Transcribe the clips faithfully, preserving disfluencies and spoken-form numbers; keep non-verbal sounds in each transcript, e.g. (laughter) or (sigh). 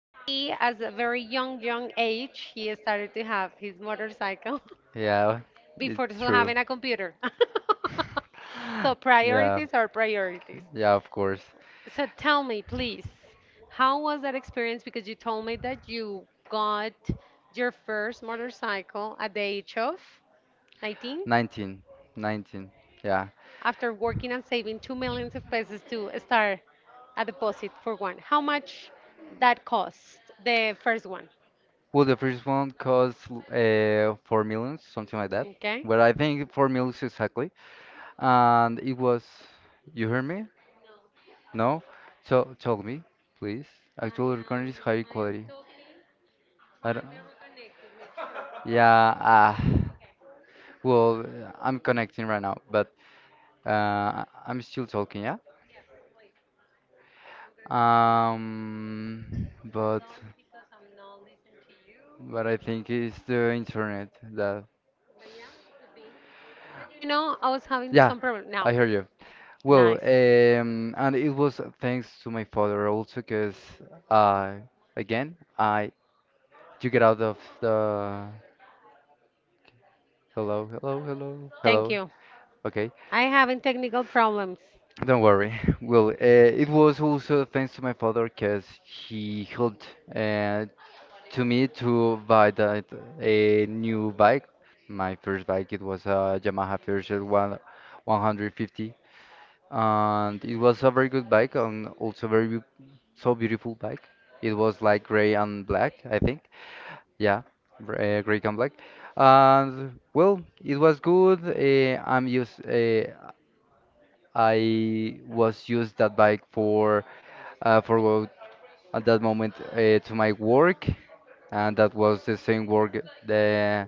he, as a very young, young age, he started to have his motorcycle Yeah, (laughs) it's before to true. having a computer. (laughs) So (laughs) Yeah, priorities are priorities. yeah, of course. So tell me, please, how was that experience? Because you told me that you got your first motorcycle at the age of nineteen? Nineteen, nineteen. Yeah. After working and saving two millions of pesos to start a deposit for one. How much that cost, the first one? Well, the first one cost uh, four millions, something like that. Okay. But I think four millions exactly. And it was, you hear me? No, No? So tell me, please. I Actual recording is am high I am quality. talking, I don't. trying to reconnect it, make sure (laughs) Yeah, the ah. one. Okay, Well, uh, I'm connecting right now, but uh, I'm still talking, yeah? yes, please. I'm gonna continue now. Um, Hold but on, because I'm not listening to you. but I think it's the internet that. But yeah, it could be. But you know, I was. Yeah, I hear you. Well, um, and it was thanks to my father also, because I, again, I, you get out of the. Hello, hello, hello, Thank hello. you. Okay, I having technical problems. don't worry. (laughs) Well, uh, it was also thanks to my father, because he helped uh, to me to buy that a new bike. My first bike it was a Yamaha Fairchild one 150, and it was a very good bike and also very beau- so beautiful bike. It was like gray and black, I think. Yeah, gr- uh, gray and black. And well, it was good. Uh, I'm used. Uh, I was used that bike for uh, for go at that moment uh, to my work and that was the same work the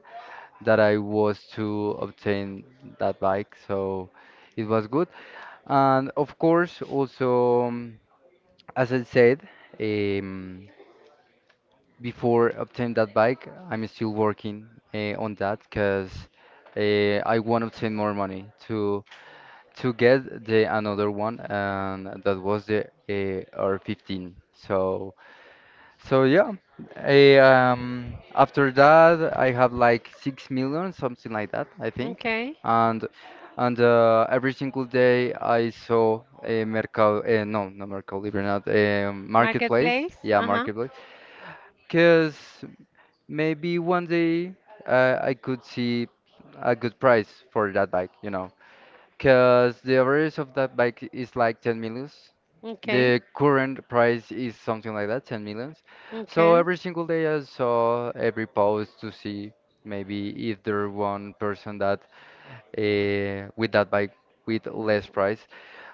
that I was to obtain that bike. So it was good. And of course, also, um, as I said, um, before obtain that bike, I'm still working uh, on that because uh, I want to obtain more money to to get the another one, and that was the uh, R fifteen. So So yeah, I, um, after that I have like six million, something like that, I think. Okay. And and uh, every single day I saw a mercado, uh, no, not mercado libre, not a marketplace. Marketplace. Yeah, Uh huh. marketplace. Cause maybe one day uh, I could see a good price for that bike, you know. Cause the average of that bike is like ten millions, Okay. the current price is something like that, ten millions. So Okay. every single day I saw every post to see maybe if there one person that uh, with that bike with less price,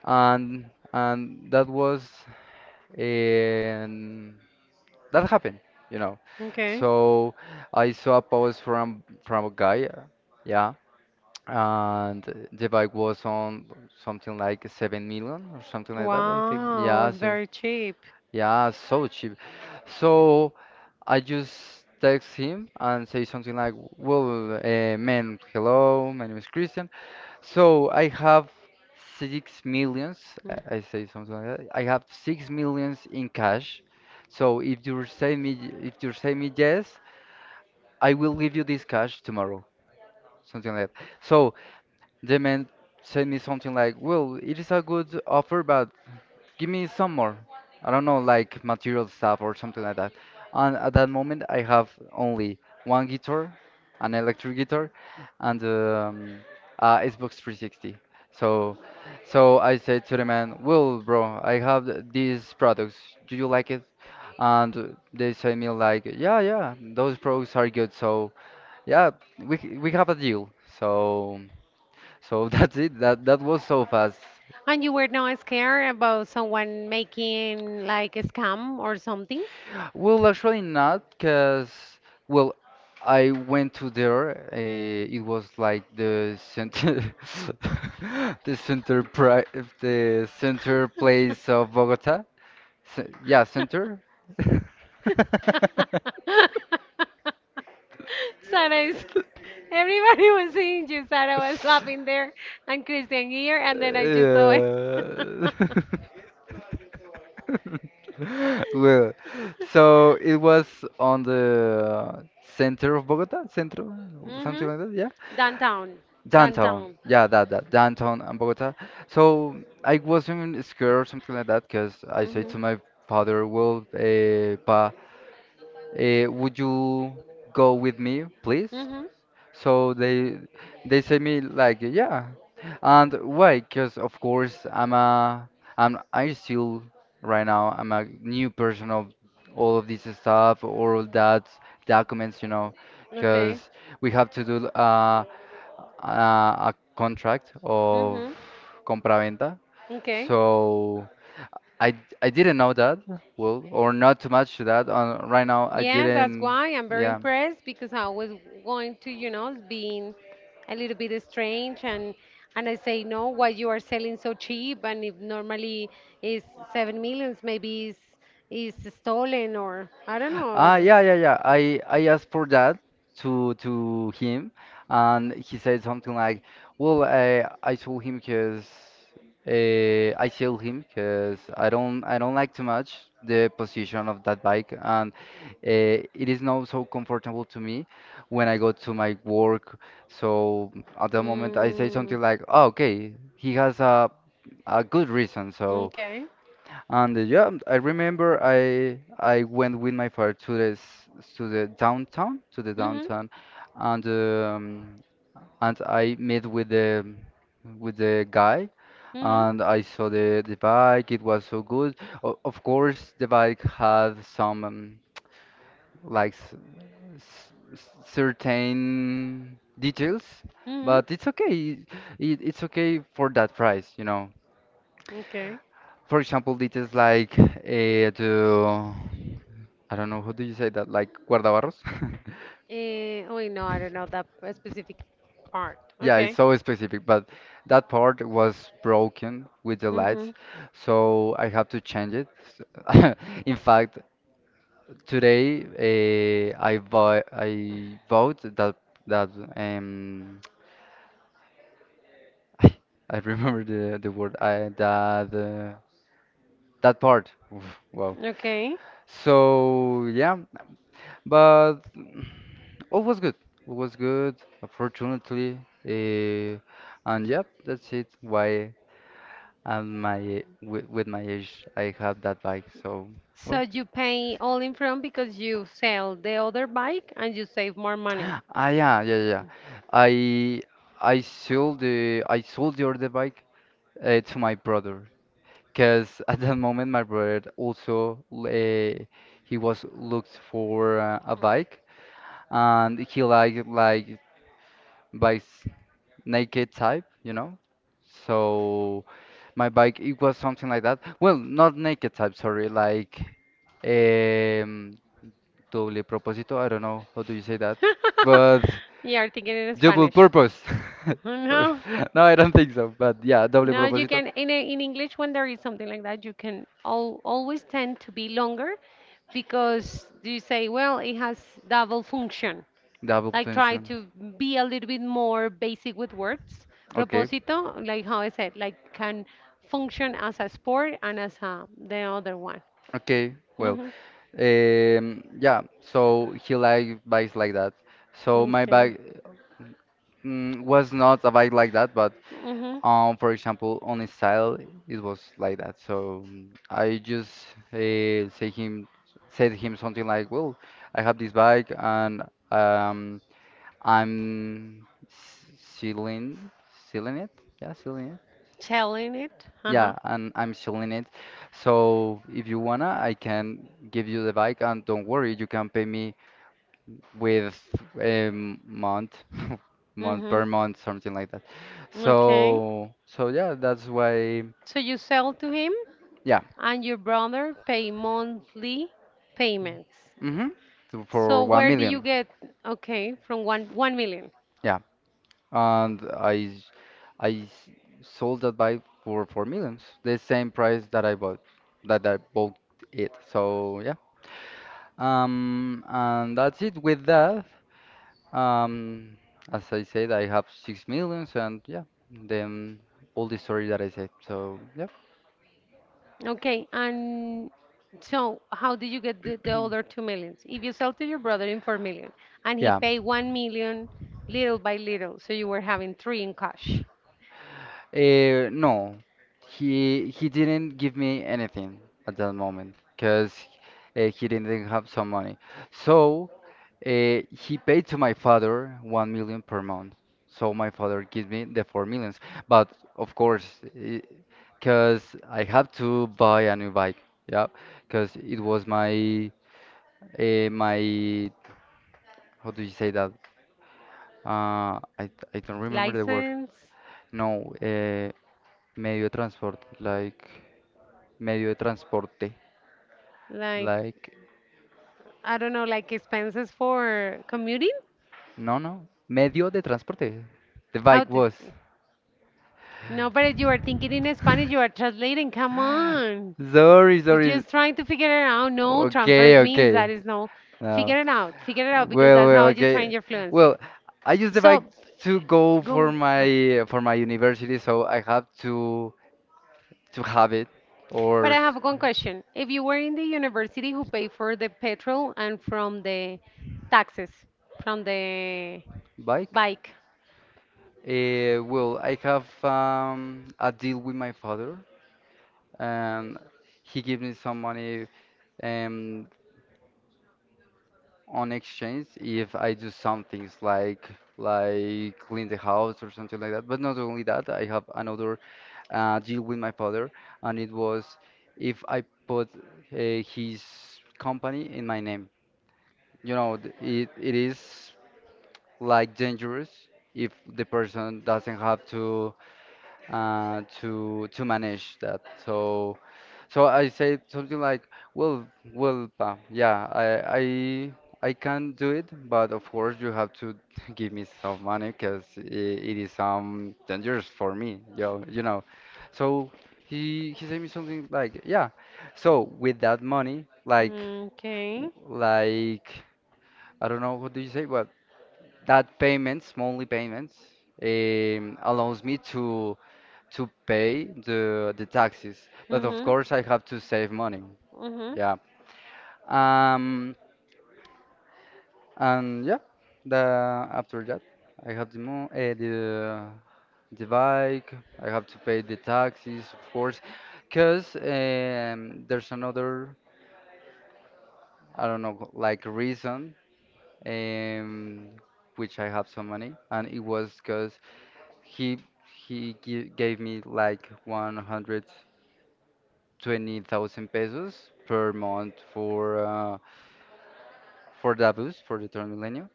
and and that was and that happened, you know. Okay. So I saw a post from from a guy, uh, yeah, and the bike was on something like seven million or something like that, I think. Wow, it Yeah, was so very cheap. yeah, so cheap. So I just text him and say something like, "Well, uh, man, hello, my name is Christian. So I have six millions. I I say something like that. I have six millions in cash. So if you say me, if you say me yes, I will give you this cash tomorrow. Something like that. So the man sent me something like, "Well, it is a good offer, but give me some more. I don't know, like material stuff or something like that. And at that moment, I have only one guitar, an electric guitar, and um, uh, Xbox three sixty. So, so I said to the man, "Well, bro, I have th- these products. Do you like it?" And uh, they said me like, "Yeah, yeah, those products are good. So, yeah, we c- we have a deal." So, so (laughs) that's it. That that was so fast. And you were not scared about someone making like a scam or something? Well, actually not, because well, I went to there. Uh, it was like the center, (laughs) the center pri the center place of Bogota. Ce- yeah, center. (laughs) (laughs) Sarah is, everybody was seeing you. Sarah was laughing there and Christian here, and then I just saw it. Yeah. (laughs) (laughs) Well, so it was on the center of Bogota, centro, Hmm. something like that. Yeah. Downtown. Downtown, Downtown. yeah, that that downtown and Bogota. So I wasn't scared or something like that because I said Hmm. to my father, "Well, uh, pa, eh, would you go with me, please?" Mhm. So they they say me like, "Yeah," and why? Because of course I'm a I'm I still, right now I'm a new person of all of this stuff, all of that documents, you know, Okay. because we have to do uh, uh, a contract of Mhm. compraventa. Okay. So I I didn't know that well or not too much that on right now I Yeah, that's didn't why I'm very yeah. impressed because I was going to, you know, being a little bit strange and and I say no, why you are selling so cheap and if normally is seven millions maybe is is stolen or I don't know. Ah, yeah, yeah, yeah. I I asked for that to to him, and he said something like, "Well, I I told him because uh, I tell him because I don't I don't like too much the position of that bike, and uh, it is not so comfortable to me when I go to my work. So at the moment, I say Mm. something like, "Oh, okay, he has a a good reason, so." Okay. And uh, yeah, I remember I I went with my father to this to the downtown to the Mm-hmm. downtown, and um, and I met with the with the guy Mm-hmm. and I saw the the bike. It was so good. O of course, the bike had some um, like s s s- certain details, Mm-hmm. but it's okay. It, it's okay for that price, you know. Okay. For example, details like uh, the I don't know who do you say that, like guardabarros? (laughs) Eh, oh, wait, no, I don't know that p- specific part. Yeah, it's Okay. so specific, but that part was broken with the lights, Mm-hmm. so I have to change it. (laughs) In fact, today uh, I bought I bought that that um (laughs) (tsk) I remember the the word I that uh, that part. Oof, wow. Okay. So yeah, but all was good. All was good, unfortunately. Uh, and yep, that's it. Why at my a- with, with my age I have that bike. So well, So you pay all in front because you sell the other bike and you save more (gasps) money. ah yeah, yeah, yeah. Yeah. I I sold the I sold the other bike uh, to my brother because (laughs) at that moment my brother also uh, he was looked for uh, a bike and he liked like bikes naked type, you know. So my bike it was something like that. Well, not naked type, sorry, like um doble propósito, I don't know how do you say that. (laughs) But You are thinking in double Spanish. purpose. (laughs) (laughs) Or- No. (laughs) No, I don't think so, but yeah, doble No, you propósito, can in a- in English when there is something like that, you can al always tend to be longer because you say, well, it has double function. double Like try tension. to be a little bit more basic with words. Okay. Propósito, like how I said, like can function as a sport and as a, the other one. Okay, well, Hmm. um, yeah, so he like bikes like that. So my Okay. bike mm, was not a bike like that, but Hmm. Um, for example, on his style, it was like that. So mm, I just uh, say him, said him something like, "Well, I have this bike and um, I'm s- selling, selling it. Yeah, selling it. Selling it. Yeah, Uh-huh. and I'm selling it. So if you wanna, I can give you the bike, and don't worry, you can pay me with a month, (laughs) month Hmm. per month, something like that. Okay. So, so yeah, that's why." So you sell to him Yeah, and your brother pay monthly payments. Mm-hmm. To, for So one where do million, you get, okay, from one, 1 million? yeah. And I, s- I s- sold that bike for four millions, the same price that I bought, that I bought it. So yeah. Um, and that's it with that. Um, as I said, I have six millions, and yeah, then all the story that I said. So yeah, Okay, and so how do you get the, the other 2 millions? If you sell to your brother in 4 million and he yeah. pay 1 million little by little, so you were having three in cash. Uh, no, he he didn't give me anything at that moment because uh, he didn't have some money. So uh, he paid to my father one million per month. So my father gives me the four millions. But of course, because I have to buy a new bike. Yeah, because it was my uh, my how do you say that? Uh, I I don't remember the word. License, No, uh, medio de transport like. Medio de transporte. like, Like, I don't know, like expenses for commuting? no, no. Medio de transporte. The How bike did, was. no, but you are thinking in Spanish, you are translating, come on. Sorry, It's sorry. just trying to figure it out. No, Okay, transfers means okay. that is no. No. Figure it out. Figure it out because Well, that's well, how you train okay. your fluency. Well, I use the bike So, to go for go. my for my university, so I have to to have it or But I s- have one question. If you were in the university who pay for the petrol and from the taxes, from the bike. bike. Uh, well, I have um, a deal with my father, and he gave me some money. Um, on exchange if I do some things like like clean the house or something like that. But not only that, I have another uh, deal with my father, and it was if I put uh, his company in my name. You know, th- it it is like dangerous if the person doesn't have to uh, to to manage that. So so I said something like, "Well, well, pa, yeah, I, I, I can do it, but of course you have to (laughs) give me some money because it, it is um dangerous for me, yo, you know." So he he said me something like, "Yeah, so with that money, like Okay. like I don't know what do you say, but that payments, monthly payments, um, allows me to to pay the the taxes, but of Mm-hmm. course I have to save money." Mm-hmm. Yeah, Um, and yeah, the after that, I have the mo uh, the the bike. I have to pay the taxes, of course, because um, there's another I don't know like reason um, which I have some money, and it was because he he gi gave me like one hundred twenty thousand pesos per month for uh, for the bus for the third millennium.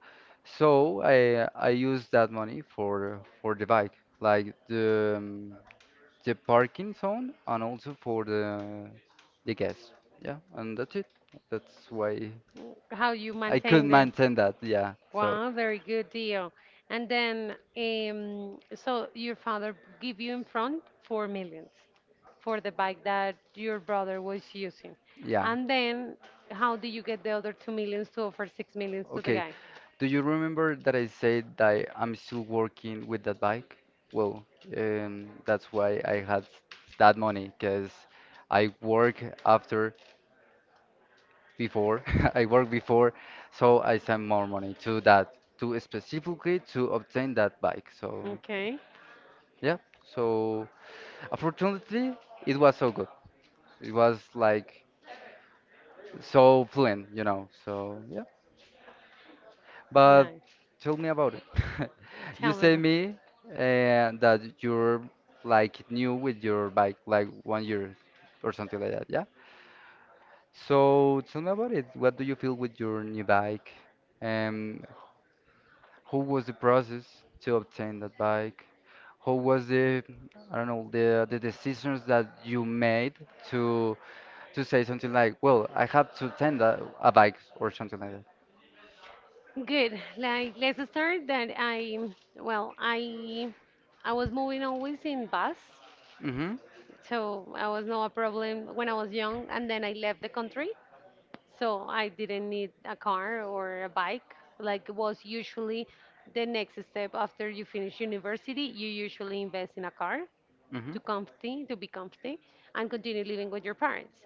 So I I used that money for for the bike, like the um, the parking zone and also for the the gas. Yeah, and that's it. That's why How you I could maintain them? maintain that. Yeah. So Wow, very good deal. And then, um, so your father give you in front four millions for the bike that your brother was using. yeah. And then, how do you get the other two millions to offer six millions to the Okay. guy? Do you remember that I said that I'm still working with that bike? Well, um, that's why I had that money because I work after before (laughs) I worked before, so I sent more money to that to specifically to obtain that bike. So Okay, yeah, so unfortunately it was so good. It was like so fluent, you know. So yeah, but nice. tell me about it. (laughs) You Tell me. say about- me and that you're like new with your bike, like one year or something like that. Yeah. So tell me about it. What do you feel with your new bike? Um, How was the process to obtain that bike? How was the, I don't know, the the decisions that you made to to say something like, well, I have to obtain that, a bike or something like that. Good. Like let's start that I well I I was moving always in bus, Mm-hmm. so I was no a problem when I was young, and then I left the country. So I didn't need a car or a bike. Like was usually the next step after you finish university, you usually invest in a car to Mm-hmm. comfy, to be comfy, and continue living with your parents.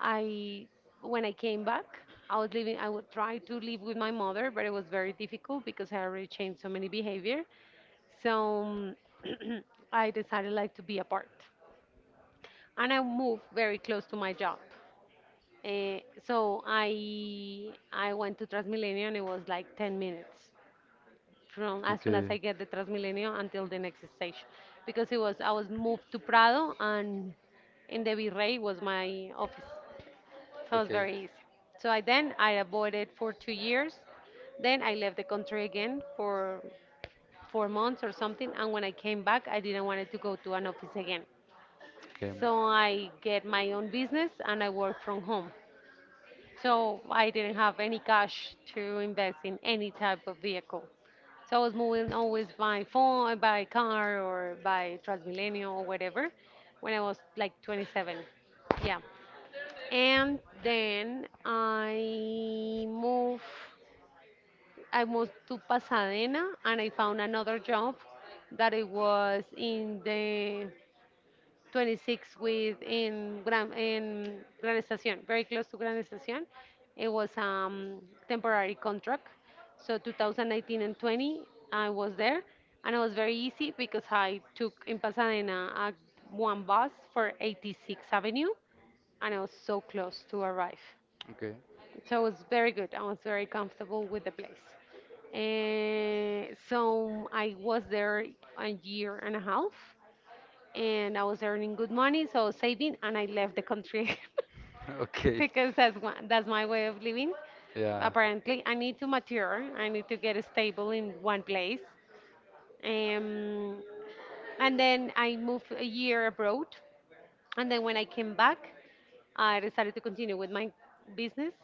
I when I came back, I was living. I would try to live with my mother, but it was very difficult because I already changed so many behavior. So (clears throat) I decided like to be apart, and I moved very close to my job. Uh, so I I went to Transmilenio and it was like ten minutes from as soon as Okay. I get the Transmilenio until the next station because it was I was moved to Prado and in the Virrey was my office. So it was Okay. Okay. very easy. So I then I avoided for two years. Then I left the country again for four months or something and when I came back I didn't want to go to an office again. So I get my own business and I work from home. So I didn't have any cash to invest in any type of vehicle. So I was moving always by phone, by car, or by Transmilenio or whatever when I was like twenty-seven. Yeah. And then I moved I moved to Pasadena and I found another job that it was in the twenty-six with in Gran in Gran Estación, very close to Gran Estación. It was um temporary contract. So two thousand nineteen and twenty, I was there, and it was very easy because I took in Pasadena a, one bus for eighty-six Avenue, and I was so close to arrive. Okay. So it was very good. I was very comfortable with the place. Uh, so I was there a year and a half and I was earning good money, so I was saving, and I left the country (laughs) (laughs) Okay. because that's one, that's my way of living. Yeah. Apparently, I need to mature. I need to get stable in one place. Um, and then I moved a year abroad, and then when I came back, I decided to continue with my business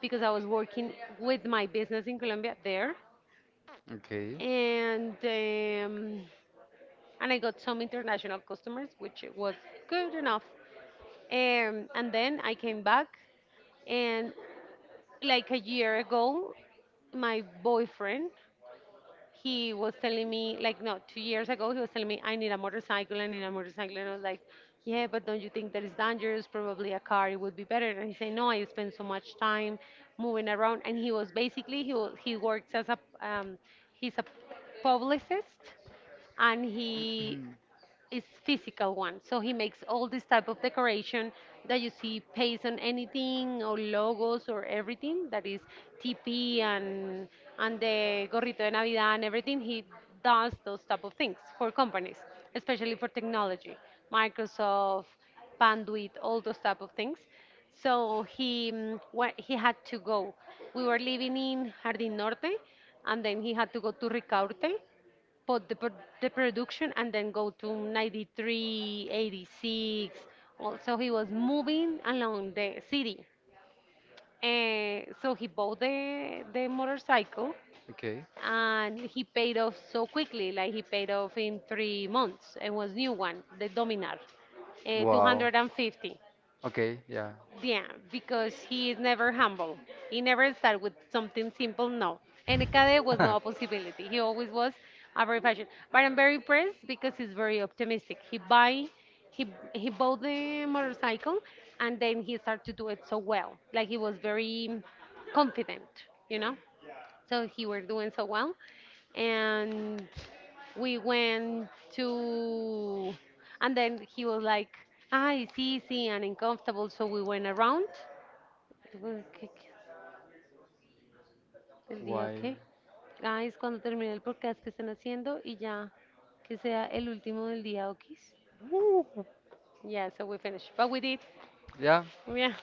because I was working with my business in Colombia there, Okay. and um, and I got some international customers, which was good enough. Um, and then I came back, and like a year ago, my boyfriend, he was telling me, like, no, two years ago, he was telling me, I need a motorcycle, I need a motorcycle. And I was like, yeah, but don't you think that is dangerous? Probably a car, it would be better. And he said, no, I spend so much time moving around. And he was basically, he, wa- he works as a, um, he's a publicist and he is physical one. So he makes all this type of decoration that you see paste on anything or logos or everything that is T P and and the gorrito de Navidad and everything. He does those type of things for companies, especially for technology, Microsoft, Bandwidth, all those type of things. So he mm, wa- he had to go. We were living in Jardín Norte, and then he had to go to Ricaurte but the, pro- the production and then go to ninety-three, eighty-six. Also, he was moving along the city. Uh, so he bought the, the motorcycle Okay. and he paid off so quickly. Like he paid off in three months. It was new one, the Dominar, uh, Wow. two hundred fifty. Okay, yeah. Yeah, because he is never humble. He never start with something simple, no. And Ekade was (laughs) no possibility. He always was a very fashion. But I'm very impressed because he's very optimistic. He buy he he bought the motorcycle and then he started to do it so well. Like he was very confident, you know? So he were doing so well and we went to and then he was like ah it's easy and uncomfortable so we went around Tuve que- que- el día Why? ok guys cuando termine el podcast que están haciendo y ya que sea el último del día ok yeah so we finished but we did. Yeah, Yeah,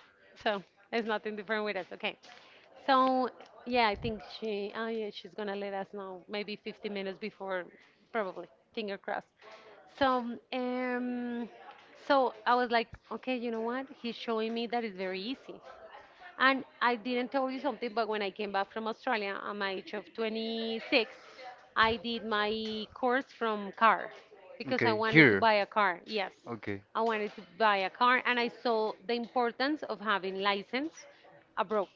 so it's nothing different with us. Okay. So, yeah, I think she, oh yeah, she's gonna let us know maybe fifty minutes before, probably, finger crossed. So, um, so I was like, okay, you know what? He's showing me that it's very easy. And I didn't tell you something, but when I came back from Australia at my age of twenty-six, I did my course from car because I okay, wanted to here. buy a car. Yes, Okay, I wanted to buy a car, and I saw the importance of having license abroad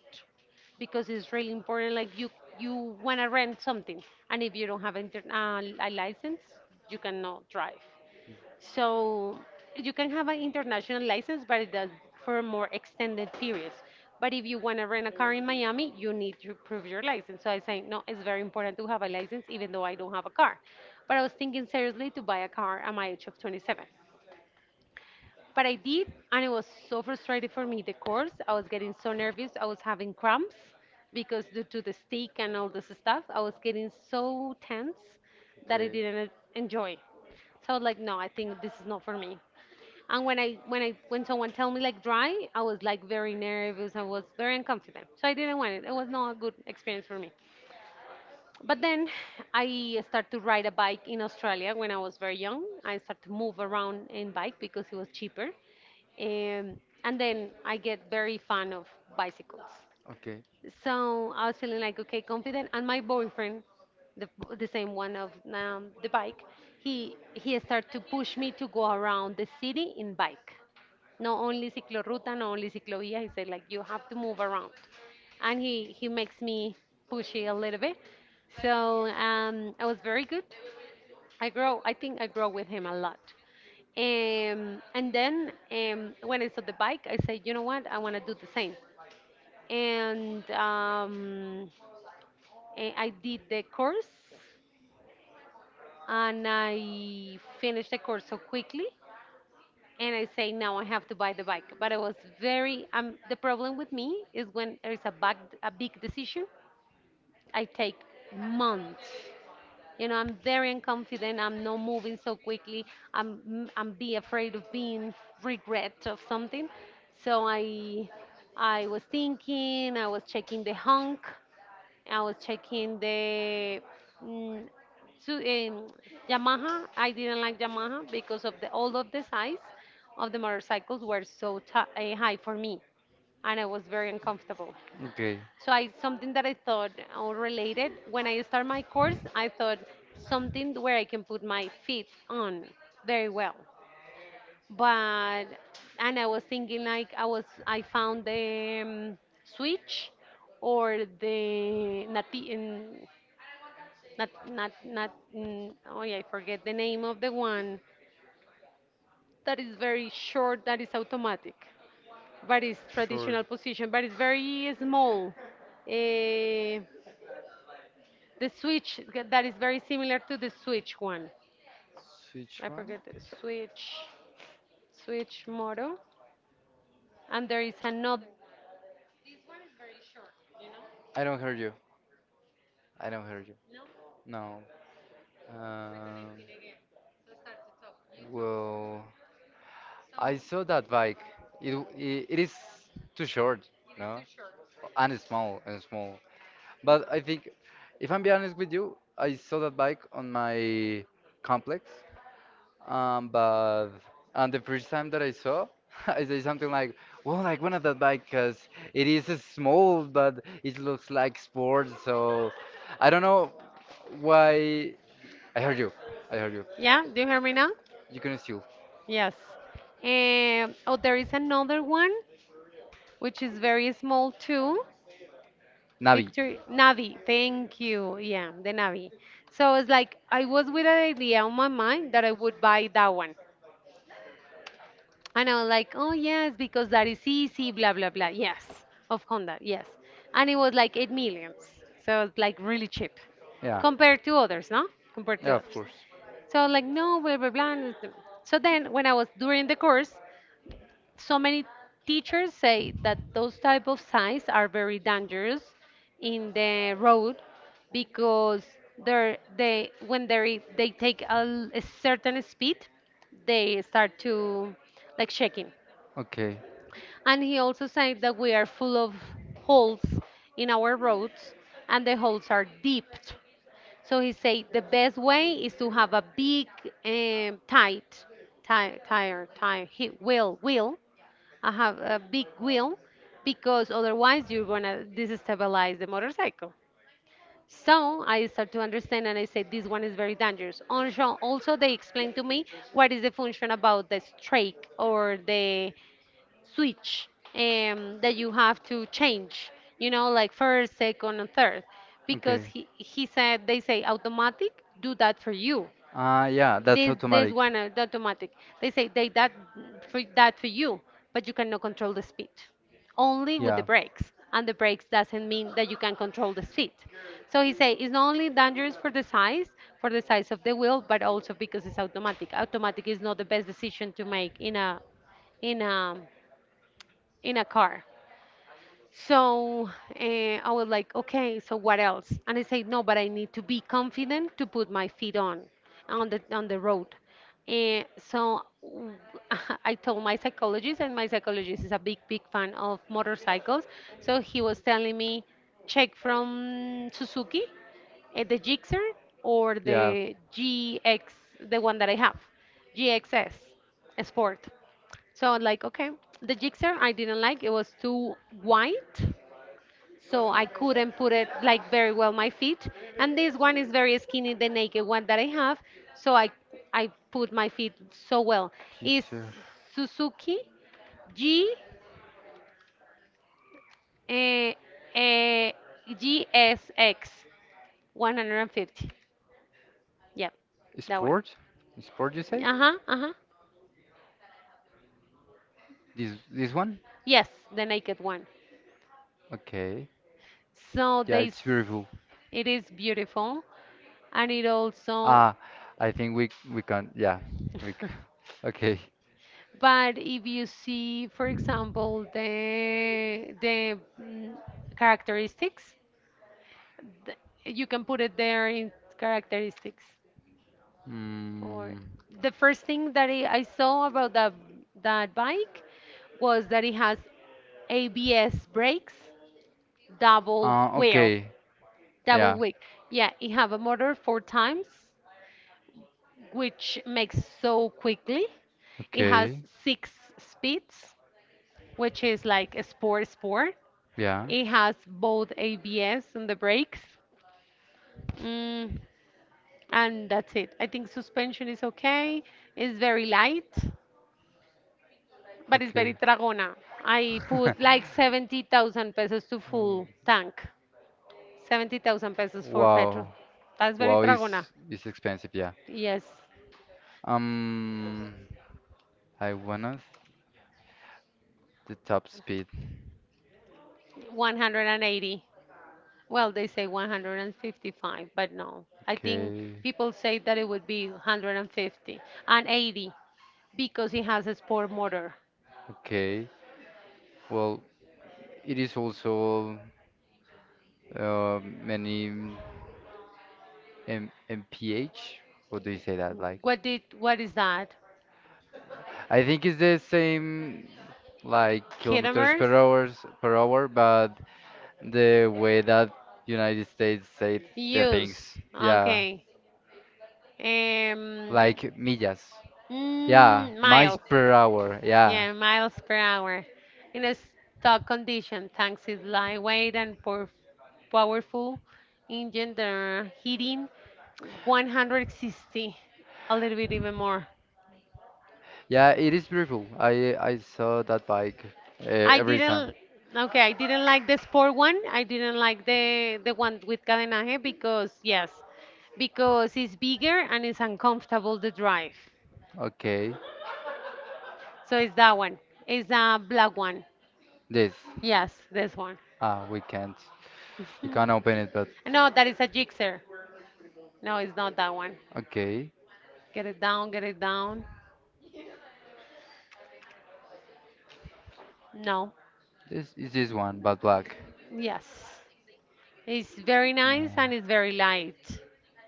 because it's really important. Like you, you want to rent something, and if you don't have inter- uh, a license, you cannot drive. So you can have an international license, but it does for more extended periods. But if you want to rent a car in Miami, you need to prove your license. So I say, no, it's very important to have a license, even though I don't have a car. But I was thinking seriously to buy a car at my age of twenty-seven. But I did, and it was so frustrating for me, the course. I was getting so nervous. I was having cramps because due to the steak and all this stuff, I was getting so tense that I okay, didn't enjoy. So I was like, no, I think this is not for me. And when I when I when someone tell me like dry, I was like very nervous. I was very unconfident. So I didn't want it. It was not a good experience for me. But then I started to ride a bike in Australia when I was very young. I started to move around in bike because it was cheaper. Um, and then I get very fan of bicycles. okay, So I was feeling like okay, confident. And my boyfriend, the the same one of um, the bike, he he started to push me to go around the city in bike. Not only cicloruta, not only ciclovia. He said like you have to move around, and he he makes me pushy a little bit. So um, I was very good. I grow. I think I grow with him a lot. Um, and then um, when I saw the bike, I said, you know what? I want to do the same and um, eh, I did the course and I finished the course so quickly. And I say now I have to buy the bike, but I was very um. The problem with me is when there is a big a big decision, I take months. You know, I'm very unconfident. I'm not moving so quickly. I'm I'm be afraid of being regret of something. So I I was thinking. I was checking the hunk. I was checking the mm, su- um, Yamaha. I didn't like Yamaha because of the all of the size of the motorcycles were so t- uh, high for me, and I was very uncomfortable. okay. So I something that I thought all related when I start my course, I thought something where I can put my feet on very well. But and I was thinking like I was I found the um, switch or the nati- in not, not, not. Mm, oh yeah, I forget the name of the one that is very short. That is automatic, but it's Sure. traditional position. But it's very small. Eh, the switch that is very similar to the switch one. Switch I one? forget the switch, switch motto. And there is another one. This one is very short. You know? I don't hear you. I don't hear you. No? No. Um, Reconnecting again. So start to talk. You talk. well. I So saw that bike. It it, it it is too short, is no? too short. And it's small and small. Yes. But I No. think, if I'm being honest with you, I saw that bike on my complex. Um, but and the first time that I saw, (laughs) I said something like, "Well, I wanted that bike because it is small, but it looks like sport." So I don't know why. I heard you. I heard you. Yeah, do you hear me now? You can still Yes. Um, oh, there is another one which is very small too. Navi. Picture Navi. Thank you. Yeah, the Navi. So it's like I was with an idea on my mind that I would buy that one, and I was like, oh, yes, because that is easy, blah, blah, blah. Yes, of Honda, yes. And it was like eight millions. So it's like really cheap Yeah, compared to others, no? Compared yeah, to of others. course. So I was like, no, blah, blah, blah. and th- So then when I was during the course, so many teachers say that those type of signs are very dangerous in the road because they're, they when they they take a, l- a certain speed, they start to like shaking, Okay, and he also said that we are full of holes in our roads and the holes are deep. So he said the best way is to have a big um, tight tire, tire, tire, he- wheel, wheel. I have a big wheel because otherwise you're gonna destabilize the motorcycle. So I start to understand and I said this one is very dangerous. Also, also they explained to me what is the function about the strike or the switch um, that you have to change, you know, like first, second, and third, okay. because he, he said they say automatic do that for you. Uh, yeah, that's This this automatic. one is automatic. They say they that for that for you, but you cannot control the speed, only with the Yeah, brakes. And the brakes doesn't mean that you can control the speed. So he say it's not only dangerous for the size, for the size of the wheel, but also because it's automatic. Automatic is not the best decision to make in a in a in a car, so eh, I was like, okay, so what else? And I said, no, but I need to be confident to put my feet on on the on the road. And so w- (laughs) I told my (laughs) psychologist, and my psychologist is a big, big fan of motorcycles. So he was telling me, check from Suzuki, eh, the Gixxer or the G X, the one that I have, G X S Sport. So like, okay, the jigsaw I didn't like. It was too wide, so I couldn't put it like very well my feet. And this one is very skinny, the naked one that I have, so I I put my feet so well. Is Teacher. Suzuki G eh, eh, G S X one hundred fifty. Yep, that one. Sport? Sport, you say? Uh huh. Uh huh. This this one? Yes, the naked one. Okay. So Yeah, they. it's s- beautiful. it is beautiful, and it also Ah, I think we we can. Yeah, we. C- (laughs) Okay. But if you see, for example, the the mm, characteristics, th- you can put it there in characteristics. Or Mm. the first thing that I I saw about that that bike was that it has A B S brakes, double Uh, wheel, okay. double Yeah. wheel. Yeah, it have a motor four times, which makes so quickly. It has Okay. six speeds which is like a sport sport. Yeah. It has both A B S and the brakes. Mm, and that's it. I think suspension is okay. It's very light, but it's very Okay. Tragona. I put like (laughs) seventy thousand pesos to full tank. seventy thousand pesos for petrol. Wow. That's very Wow is Tragona. is expensive, yeah. Yes, Um, I wanna the top speed. one hundred eighty. Well, they say one hundred fifty-five, but no. I think Okay. people say that it would be 150 and 80 because it has a sport motor. Okay. Well, it is also uh, many M MPH. What do you say that? Like. What did what is that? I think it's the same like kilometers Kilometers? per hours per hour, but the way that United States say the things. Use. Yeah. Okay. Um, like Like millas. millas. Yeah, Yeah, mm, miles miles miles. per per hour. hour. Yeah. Yeah. Yeah, miles per hour. In a stock condition, tanks is lightweight and por- powerful engine. They're heating one hundred sixty, a little bit even more. Uh, Yeah, it is beautiful. I I saw that bike uh, I crazy. every time. Didn't. Okay, I didn't like the sport one. I didn't like the the one with cadenaje because yes, because it's bigger and it's uncomfortable to drive. Okay. So it's that one. It's a black one. This. Yes, this one. Ah, we can't. We can't open it, but No, that is a jigsaw. No, it's not that one. okay. Get it down, get it down. No. This is this one, but black. Yes. It's very nice and it's very light.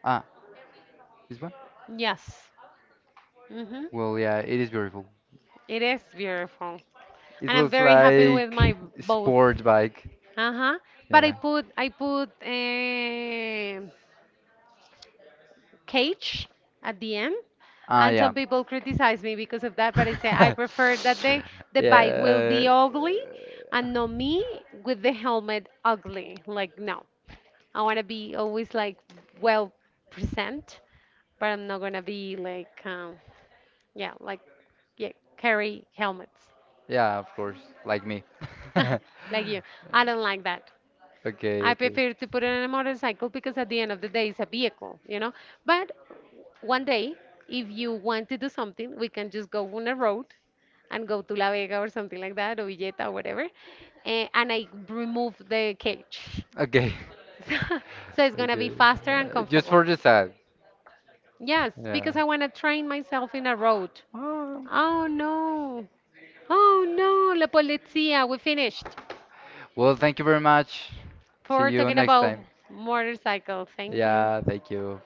Yeah. Ah, this one? Yes. Mm-hmm. Well, yeah, it is beautiful. It is beautiful. It And I'm looks very happy with like my both. sport bike. Uh-huh. But I Yeah. put I put eh, cage at the end. Ah, And yeah. some people criticize me because of that, but I say I prefer (laughs) that the the bike will be Yeah. ugly uh, and not me with the helmet ugly. Like no. I wanna be always like well present, but I'm not gonna be like um yeah, like yeah, carry helmets. Yeah, of course, like me. (laughs) (laughs) like you. I don't like that. Okay, I okay. prefer to put it on a motorcycle because at the end of the day it's a vehicle, you know. But one day, if you want to do something, we can just go on a road and go to La Vega or something like that, or Villeta or whatever, eh, and I remove the cage. Okay. (laughs) So it's (laughs) gonna be Okay. faster and Uh, just comfortable. for the side. Yes, because Yeah. I wanna train myself in a road. Ah. Oh no. Oh no, La Polizia, we finished Well, thank you very much. See for you talking next about time. motorcycle. Thank you. Yeah, thank you.